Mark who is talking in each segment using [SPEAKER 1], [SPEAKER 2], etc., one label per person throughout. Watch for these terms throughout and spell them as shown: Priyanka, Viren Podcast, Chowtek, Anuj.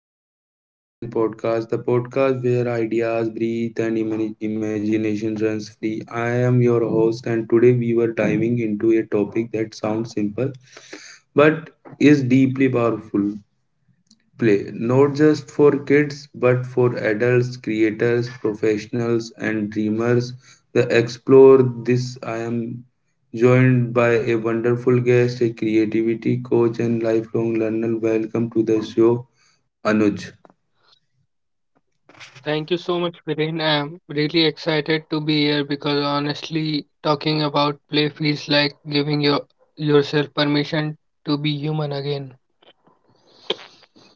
[SPEAKER 1] welcome back to Viren Podcast, the podcast where ideas breathe and imagination runs free. I am your host, and today we were diving into a topic that sounds simple but is deeply powerful play, not just for kids but for adults, creators, professionals, and dreamers. To explore this, I am joined by a wonderful guest, a creativity coach, and lifelong learner. Welcome to the show, Anuj.
[SPEAKER 2] Thank you so much, Viren. I'm really excited to be here because honestly, talking about play feels like giving yourself permission to be human again.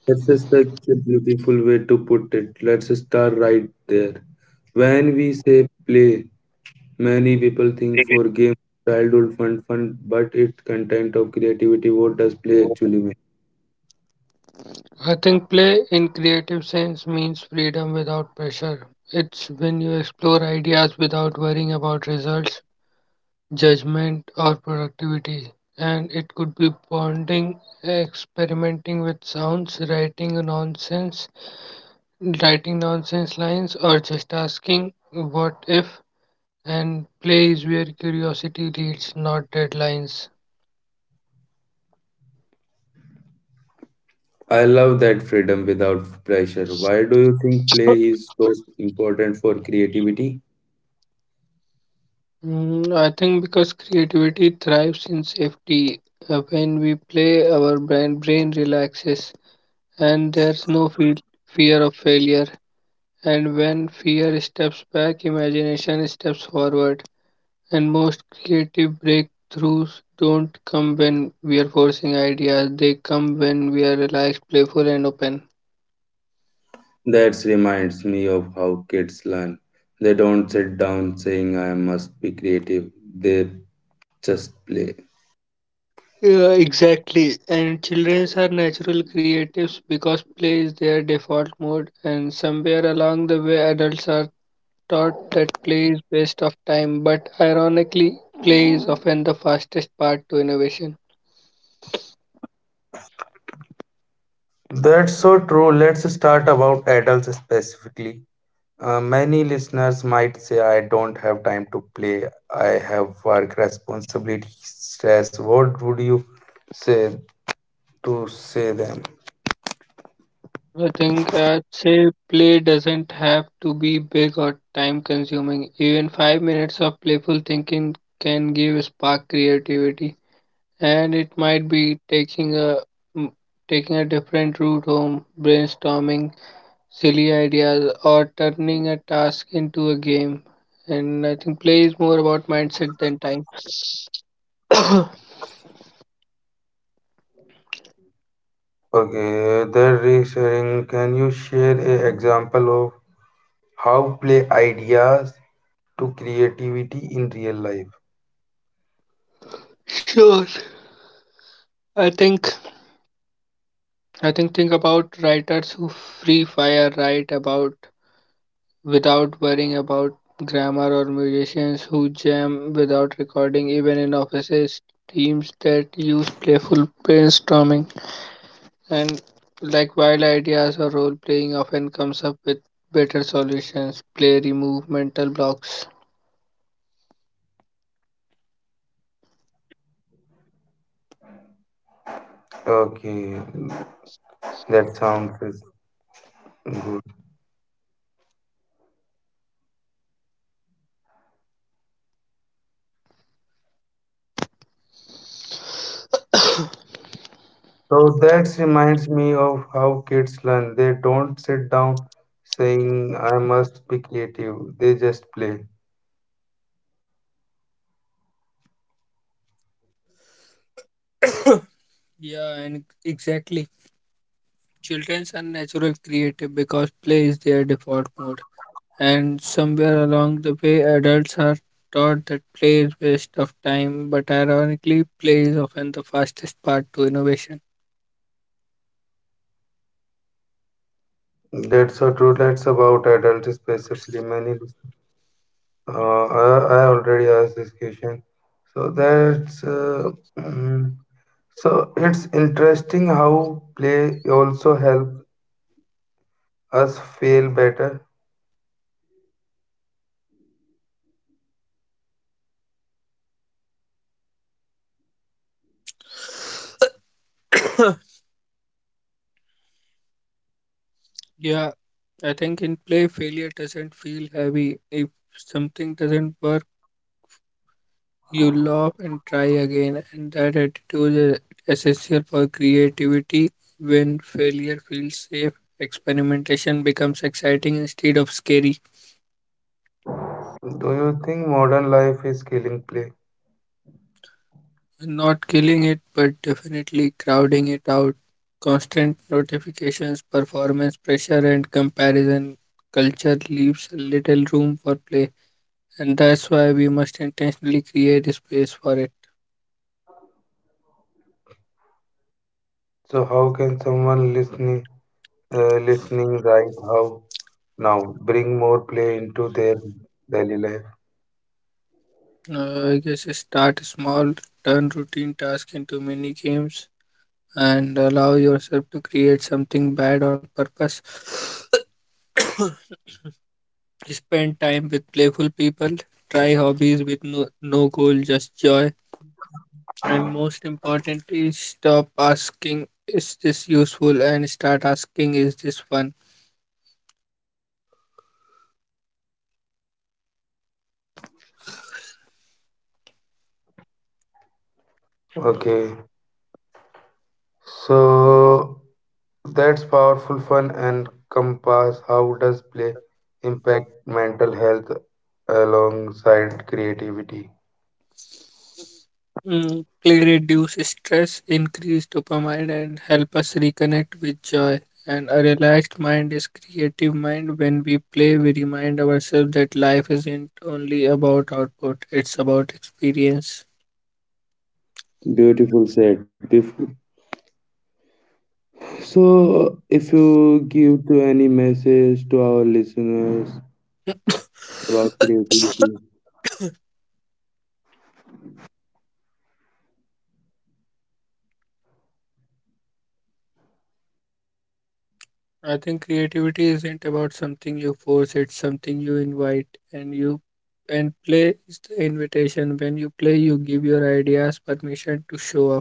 [SPEAKER 1] This is such a beautiful way to put it. Let's start right there. When we say play, many people think for game, childhood fun, but it's content of creativity. What does play actually mean?
[SPEAKER 2] I think play in creative sense means freedom without pressure. It's when you explore ideas without worrying about results judgment or productivity, and it could be bonding experimenting with sounds writing nonsense lines or just asking what if, and play is where curiosity leads not deadlines.
[SPEAKER 1] I love that freedom without pressure. Why do you think play is so important for creativity?
[SPEAKER 2] Mm, I think because creativity thrives in safety. When we play, our brain relaxes, and there's no fear of failure. And when fear steps back, imagination steps forward. And most creative breakthroughs don't come when we are forcing ideas, they come when we are relaxed, playful, and open.
[SPEAKER 1] That reminds me of how kids learn. They don't sit down saying, I must be creative. They just play.
[SPEAKER 2] Yeah, exactly. And children are natural creatives because play is their default mode, and somewhere along the way, adults are taught that play is waste of time. But ironically, play is often the fastest part to innovation.
[SPEAKER 1] That's so true. Let's start about adults specifically. Many listeners might say, I don't have time to play. I have work responsibilities, stress. What would you say to say them?
[SPEAKER 2] I'd say play doesn't have to be big or time consuming. Even 5 minutes of playful thinking can give a spark creativity, and it might be mm, taking a different route home, brainstorming silly ideas, or turning a task into a game. And I think play is more about mindset than time.
[SPEAKER 1] Okay, they're reassuring. Can you share an example of how play ideas to creativity in real life?
[SPEAKER 2] Sure, I think I think think about writers who free fire write about without worrying about grammar, or musicians who jam without recording, even in offices, teams that use playful brainstorming and like wild ideas or role playing often comes up with better solutions. Play remove mental blocks.
[SPEAKER 1] Okay, that sounds good. So that reminds me of how kids learn. They don't sit down saying, I must be creative. They just play.
[SPEAKER 2] Yeah, and exactly. Childrens are natural creative because play is their default mode. And somewhere along the way, adults are taught that play is waste of time, but ironically, play is often the fastest part to innovation.
[SPEAKER 1] That's so true. That's about adults, specifically many. Uh, I, I already asked this question. So mm, so it's interesting how play also helps us feel better.
[SPEAKER 2] Yeah, I think in play, failure doesn't feel heavy. If something doesn't work, you laugh and try again, and that attitude is essential for creativity. When failure feels safe, experimentation becomes exciting instead of scary.
[SPEAKER 1] Do you think modern life is killing play?
[SPEAKER 2] Not killing it, but definitely crowding it out. Constant notifications, performance pressure, and comparison culture leaves little room for play, and that's why we must intentionally create space for it.
[SPEAKER 1] So how can someone listening? Listening right how now bring more play into their daily life?
[SPEAKER 2] I guess start small, turn routine tasks into mini games, and allow yourself to create something bad on purpose. Spend time with playful people. Try hobbies with no goal, just joy. And most important is stop asking, is this useful? And start asking, is this fun?
[SPEAKER 1] Okay, so that's powerful fun and compass. How does play impact mental health alongside creativity?
[SPEAKER 2] Mm, play reduce stress, increase dopamine, and help us reconnect with joy. And a relaxed mind is creative mind. When we play, we remind ourselves that life isn't only about output, it's about experience.
[SPEAKER 1] Beautiful said. So, if you give to any message to our listeners about creativity.
[SPEAKER 2] I think creativity isn't about something you force, it's something you invite, and you and play is the invitation. When you play, you give your ideas permission to show up.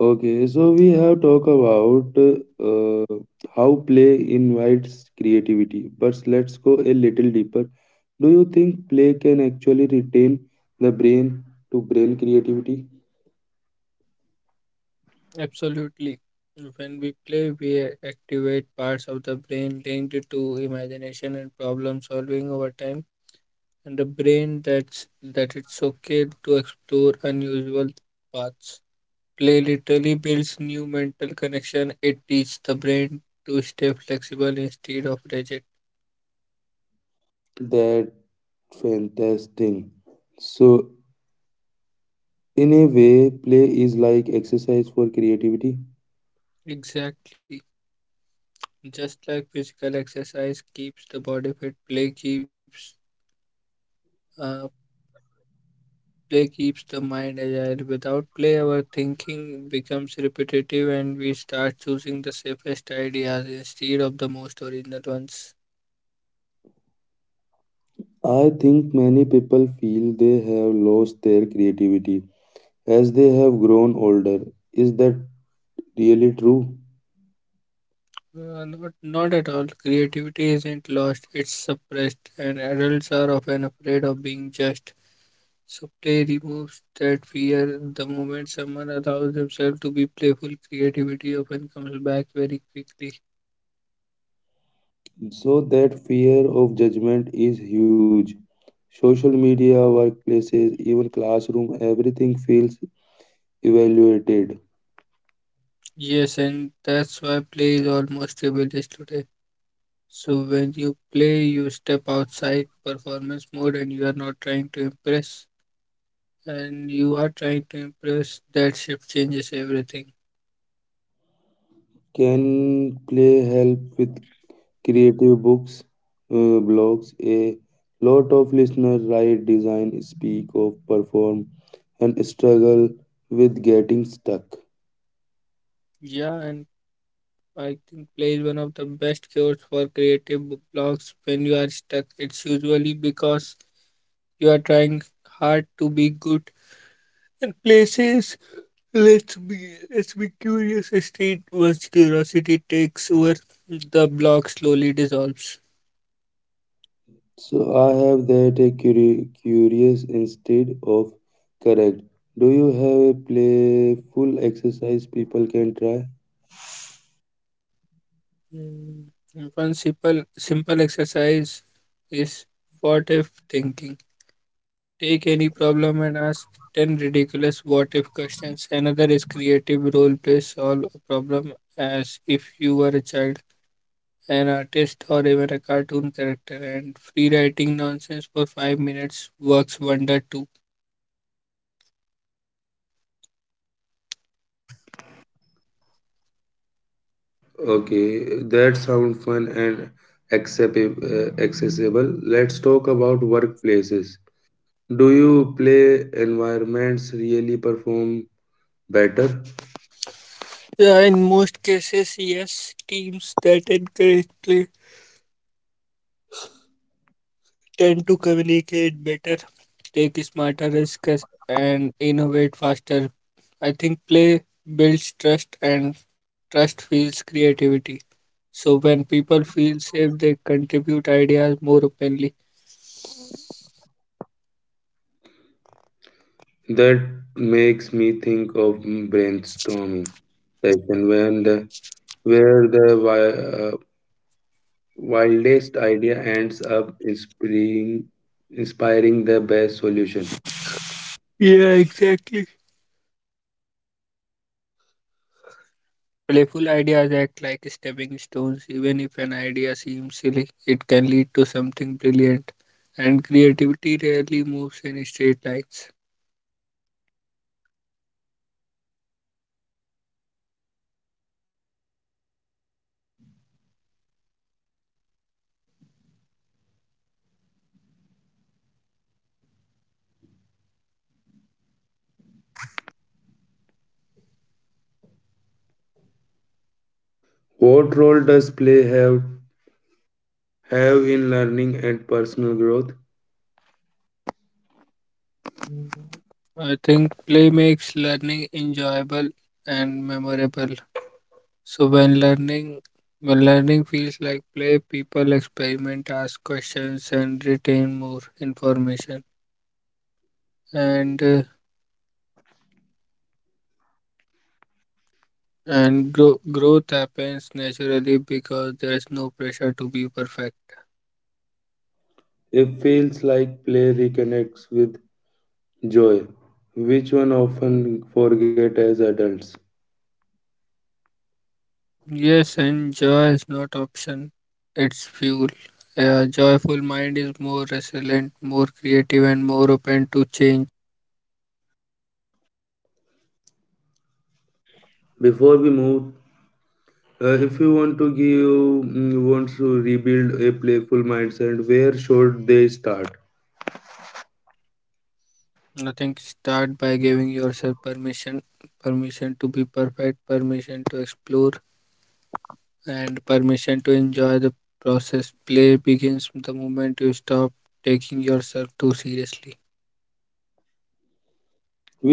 [SPEAKER 1] Okay, so we have talked about how play invites creativity, but let's go a little deeper. Do you think play can actually retain the brain to brain creativity?
[SPEAKER 2] Absolutely. When we play, we activate parts of the brain linked to imagination and problem solving over time, and the brain that it's okay to explore unusual paths. Play literally builds new mental connection. It teaches the brain to stay flexible instead of rigid.
[SPEAKER 1] That fantastic. So, in a way, play is like exercise for creativity.
[SPEAKER 2] Exactly. Just like physical exercise keeps the body fit, play keeps uh, the mind agile. Without play, our thinking becomes repetitive and we start choosing the safest ideas instead of the most original ones.
[SPEAKER 1] I think many people feel they have lost their creativity as they have grown older. Is that really true?
[SPEAKER 2] Not at all. Creativity isn't lost, it's suppressed, and adults are often afraid of being judged. So, play removes that fear. The moment someone allows themselves to be playful, creativity often comes back very quickly.
[SPEAKER 1] So that fear of judgment is huge. Social media, workplaces, even classroom, everything feels evaluated.
[SPEAKER 2] Yes, and that's why play is almost a village today. So, when you play, you step outside performance mode and you are not trying to impress, and you are trying to impress, that shift changes everything.
[SPEAKER 1] Can play help with creative books, uh, blogs? A lot of listeners write, design, speak of, perform, and struggle with getting stuck.
[SPEAKER 2] Yeah, and I think play is one of the best cures for creative blocks when you are stuck. It's usually because you are trying hard to be good. And places, let's be let's be curious state once curiosity takes over, the block slowly dissolves.
[SPEAKER 1] So I have that a curious instead of correct. Do you have a playful exercise people can try?
[SPEAKER 2] Mm, one simple exercise is what if thinking. Take any problem and ask 10 ridiculous what if questions. Another is creative role play, solve a problem as if you were a child, an artist, or even a cartoon character. And free writing nonsense for 5 minutes works wonder too.
[SPEAKER 1] Okay, that sounds fun and accessible. Let's talk about workplaces. Do you play environments really perform better?
[SPEAKER 2] Yeah, in most cases, yes, teams that encourage play tend to communicate better, take smarter risks, and innovate faster. I think play builds trust, and trust fuels creativity. So when people feel safe, they contribute ideas more openly.
[SPEAKER 1] That makes me think of brainstorming session when the where the wildest idea ends up inspiring the best solution.
[SPEAKER 2] Yeah, exactly. Playful ideas act like stepping stones. Even if an idea seems silly, it can lead to something brilliant. And creativity rarely moves in straight lines.
[SPEAKER 1] What role does play have in learning and personal growth?
[SPEAKER 2] Mhm. I think play makes learning enjoyable and memorable. So when learning feels like play, people experiment, ask questions, and retain more information. And uh, And growth happens naturally because there's no pressure to be perfect.
[SPEAKER 1] It feels like play reconnects with joy, which one often forget as adults.
[SPEAKER 2] Yes, and joy is not option, it's fuel. A joyful mind is more resilient, more creative, and more open to change.
[SPEAKER 1] Before we move, if you want to give wants to rebuild a playful mindset, where should they start?
[SPEAKER 2] Nothing think start by giving yourself permission to be perfect, permission to explore, and permission to enjoy the process. Play begins the moment you stop taking yourself too seriously.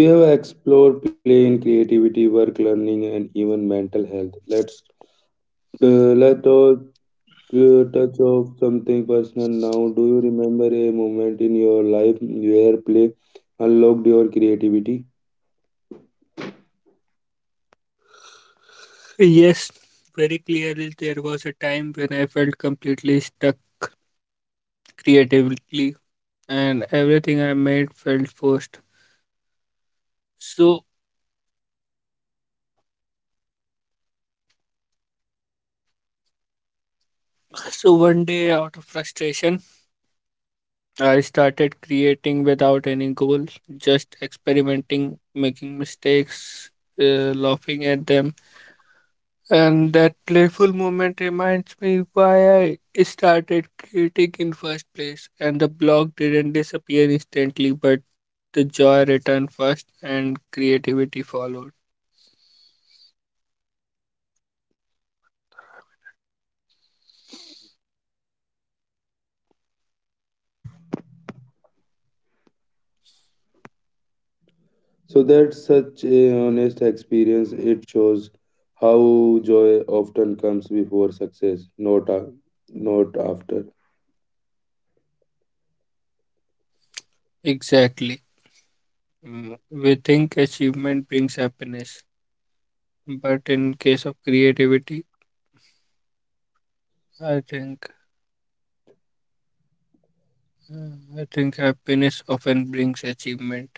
[SPEAKER 1] We have explored play in creativity, work learning, and even mental health. Let's touch of something personal now. Do you remember a moment in your life where play unlocked your creativity?
[SPEAKER 2] Yes, very clearly there was a time when I felt completely stuck creatively and everything I made felt forced. So so one day out of frustration I started creating without any goal, just experimenting, making mistakes, laughing at them. And that playful moment reminds me why I started creating in first place, and the blog didn't disappear instantly, but the joy returned first and creativity followed.
[SPEAKER 1] So that's such a honest experience. It shows how joy often comes before success, not after.
[SPEAKER 2] Exactly. Mm, we think achievement brings happiness, but in case of creativity, I think I think happiness often brings achievement.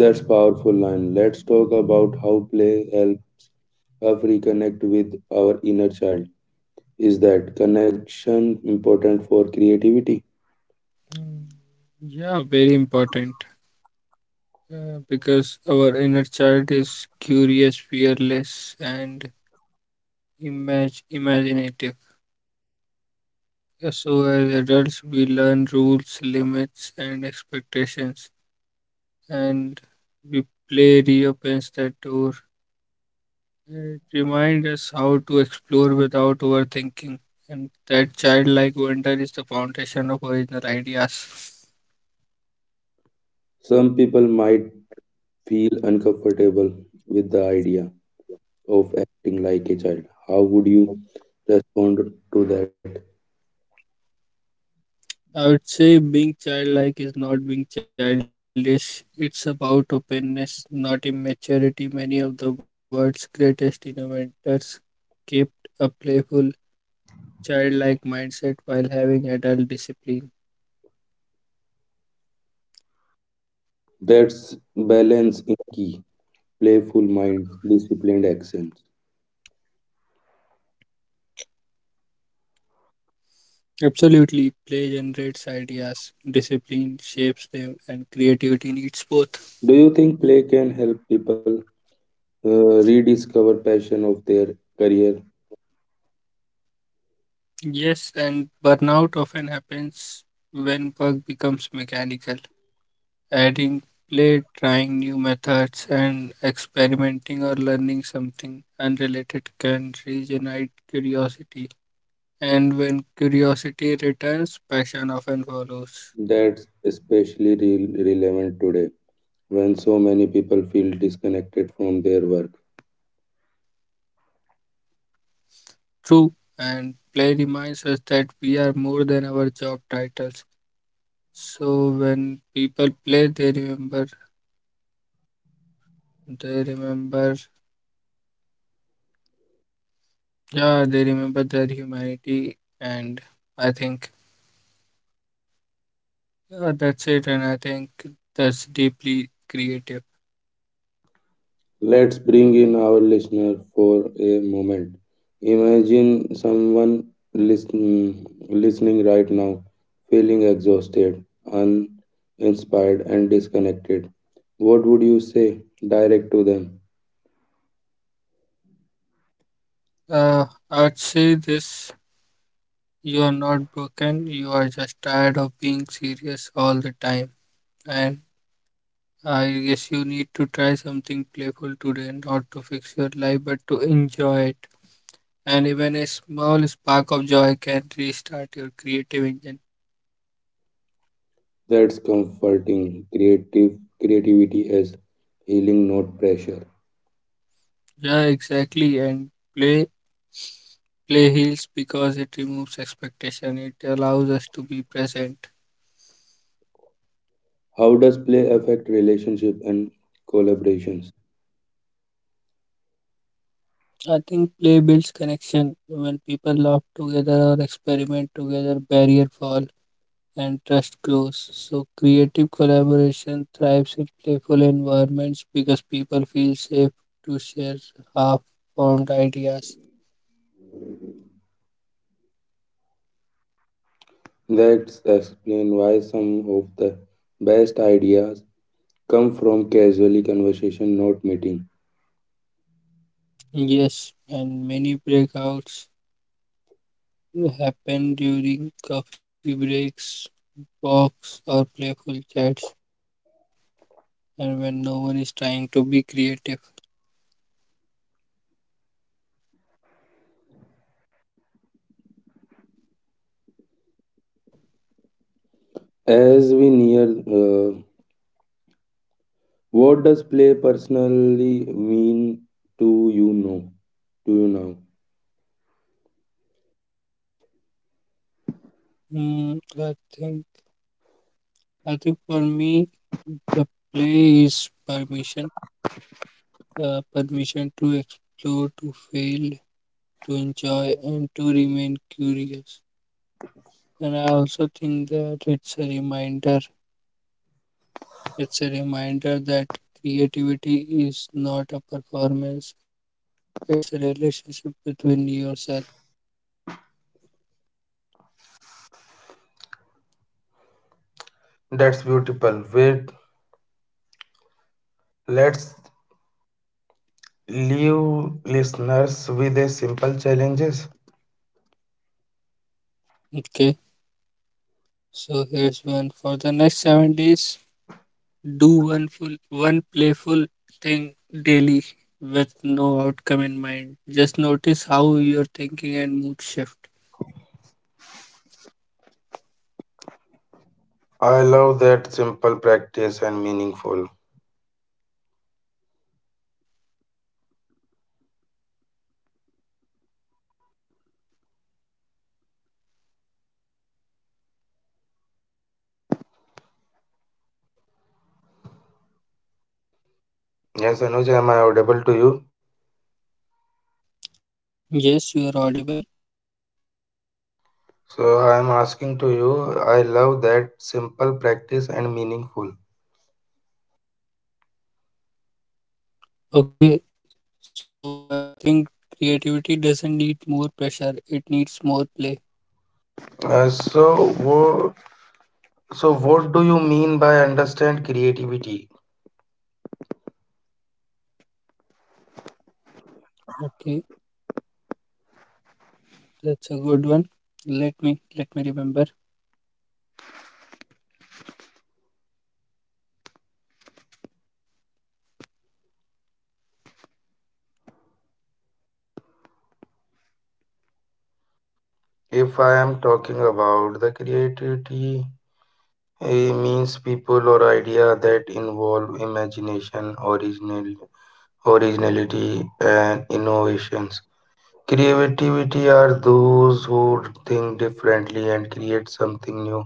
[SPEAKER 1] That's powerful line. Let's talk about how play help us reconnect with our inner child. Is that connection important for creativity?
[SPEAKER 2] Mm, yeah, very important because our inner child is curious, fearless, and imaginative. So, as adults, we learn rules, limits, and expectations, and we play reopens that door. It reminds us how to explore without overthinking, and that childlike wonder is the foundation of original ideas.
[SPEAKER 1] Some people might feel uncomfortable with the idea of acting like a child. How would you respond to that?
[SPEAKER 2] I would say being childlike is not being childish. It's about openness, not immaturity. Many of the world's greatest innovators kept a playful, childlike mindset while having adult discipline.
[SPEAKER 1] That's balance in key, playful mind, disciplined actions.
[SPEAKER 2] Absolutely, play generates ideas, discipline shapes them, and creativity needs both.
[SPEAKER 1] Do you think play can help people rediscover passion of their career?
[SPEAKER 2] Yes, and burnout often happens when work becomes mechanical. Adding play, trying new methods, and experimenting or learning something unrelated can regenerate curiosity. And when curiosity returns, passion often follows.
[SPEAKER 1] That's especially relevant today when so many people feel disconnected from their work.
[SPEAKER 2] True, and play reminds us that we are more than our job titles. So when people play, they remember, yeah, they remember their humanity, and I think I think that's deeply creative.
[SPEAKER 1] Let's bring in our listener for a moment. Imagine someone listening right now, feeling exhausted, uninspired, and disconnected. What would you say direct to them?
[SPEAKER 2] Uh, I'd say this: you are not broken. You are just tired of being serious all the time, and I guess you need to try something playful today, not to fix your life, but to enjoy it. And even a small spark of joy can restart your creative engine.
[SPEAKER 1] That's comforting. Creative Creativity as healing, not pressure.
[SPEAKER 2] Yeah, exactly. And play play heals because it removes expectation. It allows us to be present.
[SPEAKER 1] How does play affect relationship and collaborations?
[SPEAKER 2] I think play builds connection. When people laugh together or experiment together, barrier fall and trust grows. So creative collaboration thrives in playful environments because people feel safe to share half formed ideas.
[SPEAKER 1] Let's explain why some of the best ideas come from casually conversation, not meeting.
[SPEAKER 2] Yes, and many breakouts happen during coffee breaks walks, or playful chats, and when no one is trying to be creative.
[SPEAKER 1] As we near, uh, what does play personally mean to you now? To you now?
[SPEAKER 2] Mm, I think I think for me the play is permission, permission to explore, to fail, to enjoy, and to remain curious. And I also think that it's a reminder. It's a reminder that creativity is not a performance. It's a relationship between yourself.
[SPEAKER 1] That's beautiful. Wait, let's leave listeners with a simple challenges.
[SPEAKER 2] Okay. So here's one for the next 7 days. Do one full, one playful thing daily with no outcome in mind. Just notice how your thinking and mood shift.
[SPEAKER 1] I love that simple practice and meaningful. Yes, Anuj, am I audible to you?
[SPEAKER 2] Yes, you are audible.
[SPEAKER 1] So I am asking to you. I love that simple practice and meaningful. Uh, so wo, So, what do you mean by understand creativity? If I am talking about the creativity, it means people or idea that involve imagination, originality, and innovations. Creativity are those who think differently and create something new,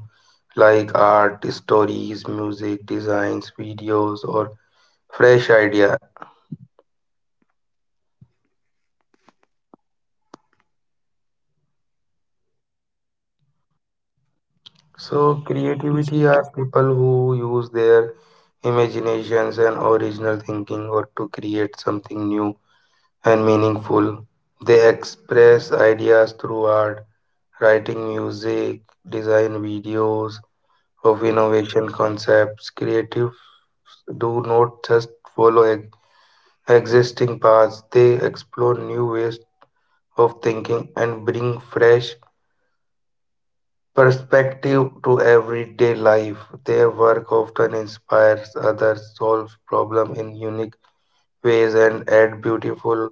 [SPEAKER 1] like art, stories, music, designs, videos, or fresh idea. So, creativity are people who use their imaginations and original thinking or to create something new and meaningful. They express ideas through art, writing music, design videos of innovation concepts. Creatives do not just follow existing paths, they explore new ways of thinking and bring fresh perspective to everyday life. Their work often inspires others, solves problems in unique ways, and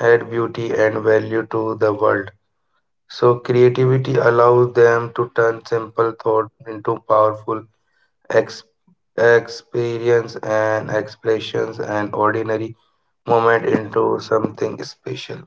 [SPEAKER 1] add beauty and value to the world. So creativity allows them to turn simple thought into powerful ex- experience and expressions and ordinary moment into something special.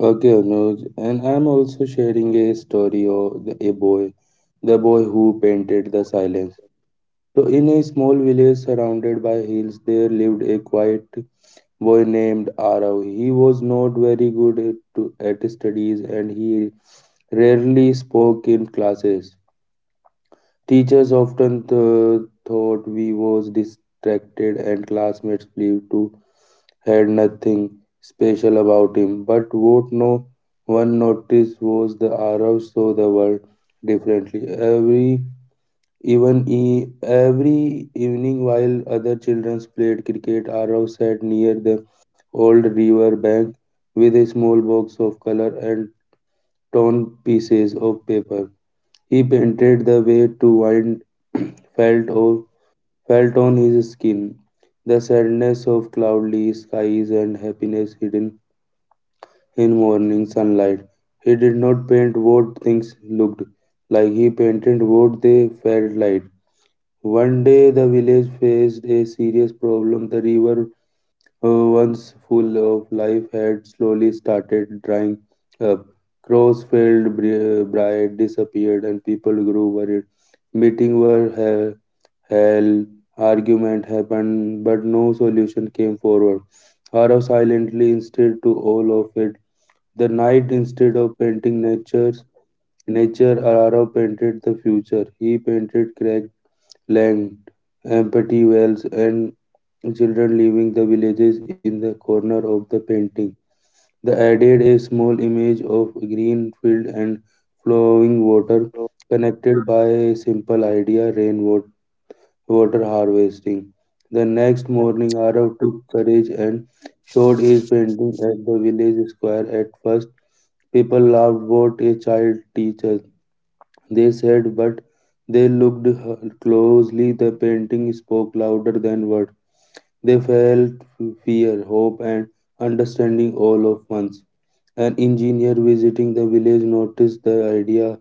[SPEAKER 1] Okay, Anuj, and I'm also sharing a story of a boy, the boy who painted the silence. So, in a small village surrounded by hills, there lived a quiet boy named Arav. He was not very good at studies and he rarely spoke in classes. Teachers often thought we was distracted, and classmates believed too had nothing special about him, but what no one noticed was the Arabs saw the world differently. Every evening, while other children played cricket, Arab sat near the old river bank with a small box of color and torn pieces of paper. He painted the way to wind felt o- felt on his skin, the sadness of cloudy skies and happiness hidden in morning sunlight. He did not paint what things looked like, he painted what they felt like. One day, the village faced a serious problem. The river, once full of life, had slowly started drying up. Crows failed, bride disappeared, and people grew worried. Meetings were held, argument happened, but no solution came forward. Harav silently insisted to all of it the knight, instead of painting nature, Araro painted the future. He painted cracked land, empty wells, and children leaving the villages in the corner of the painting. They added a small image of green field and flowing water, connected by a simple idea: rainwater water harvesting. The next morning, Arav took courage and showed his painting at the village square. At first, people laughed what a child teacher, they said, but they looked closely. The painting spoke louder than words. They felt fear, hope, and understanding all of once. An engineer visiting the village noticed the idea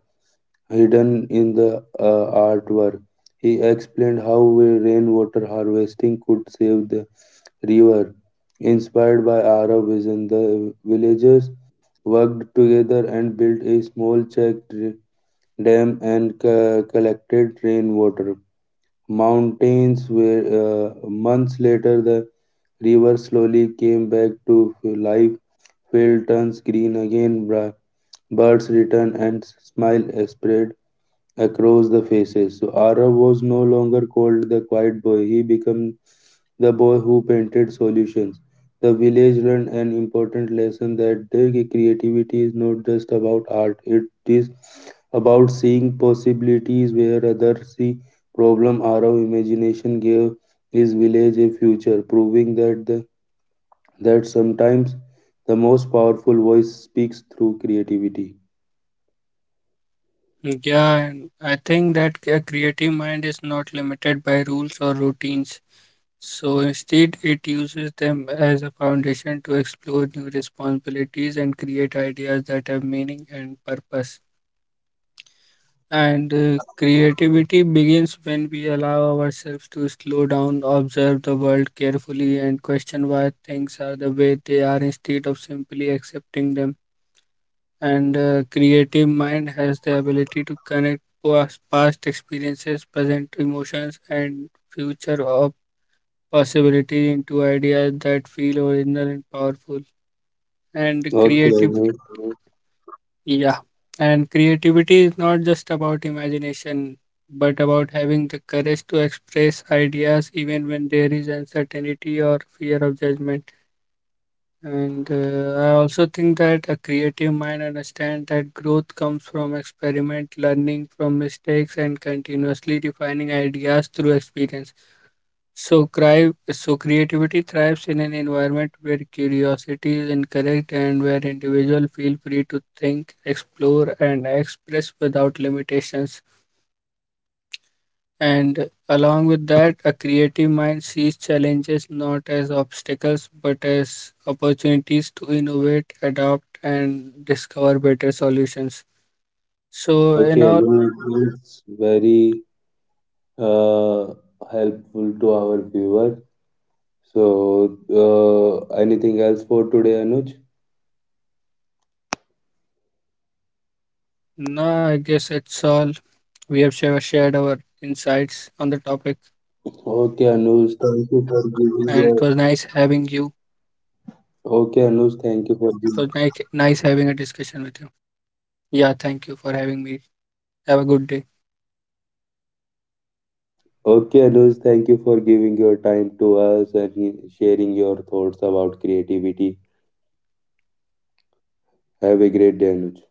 [SPEAKER 1] hidden in the artwork. He explained how rainwater harvesting could save the river. Inspired by Arab vision, the villagers worked together and built a small checked dam and collected rainwater. Mountains were Months later the river slowly came back to life. Field turns green again. Birds return and smile spread across the faces. So Arav was no longer called the quiet boy. He became the boy who painted solutions. The village learned an important lesson that their creativity is not just about art, it is about seeing possibilities where others see problem. Arav imagination gave his village a future, proving that sometimes the most powerful voice speaks through creativity. Okay. Okay, no, it's very uh, helpful to our viewer. So, anything else for today, Anuj? Okay, Anuj, thank you for giving your. Okay, Anuj, thank you for giving. Okay, Anuj, thank you for giving your time to us and sharing your thoughts about creativity. Have a great day, Anuj.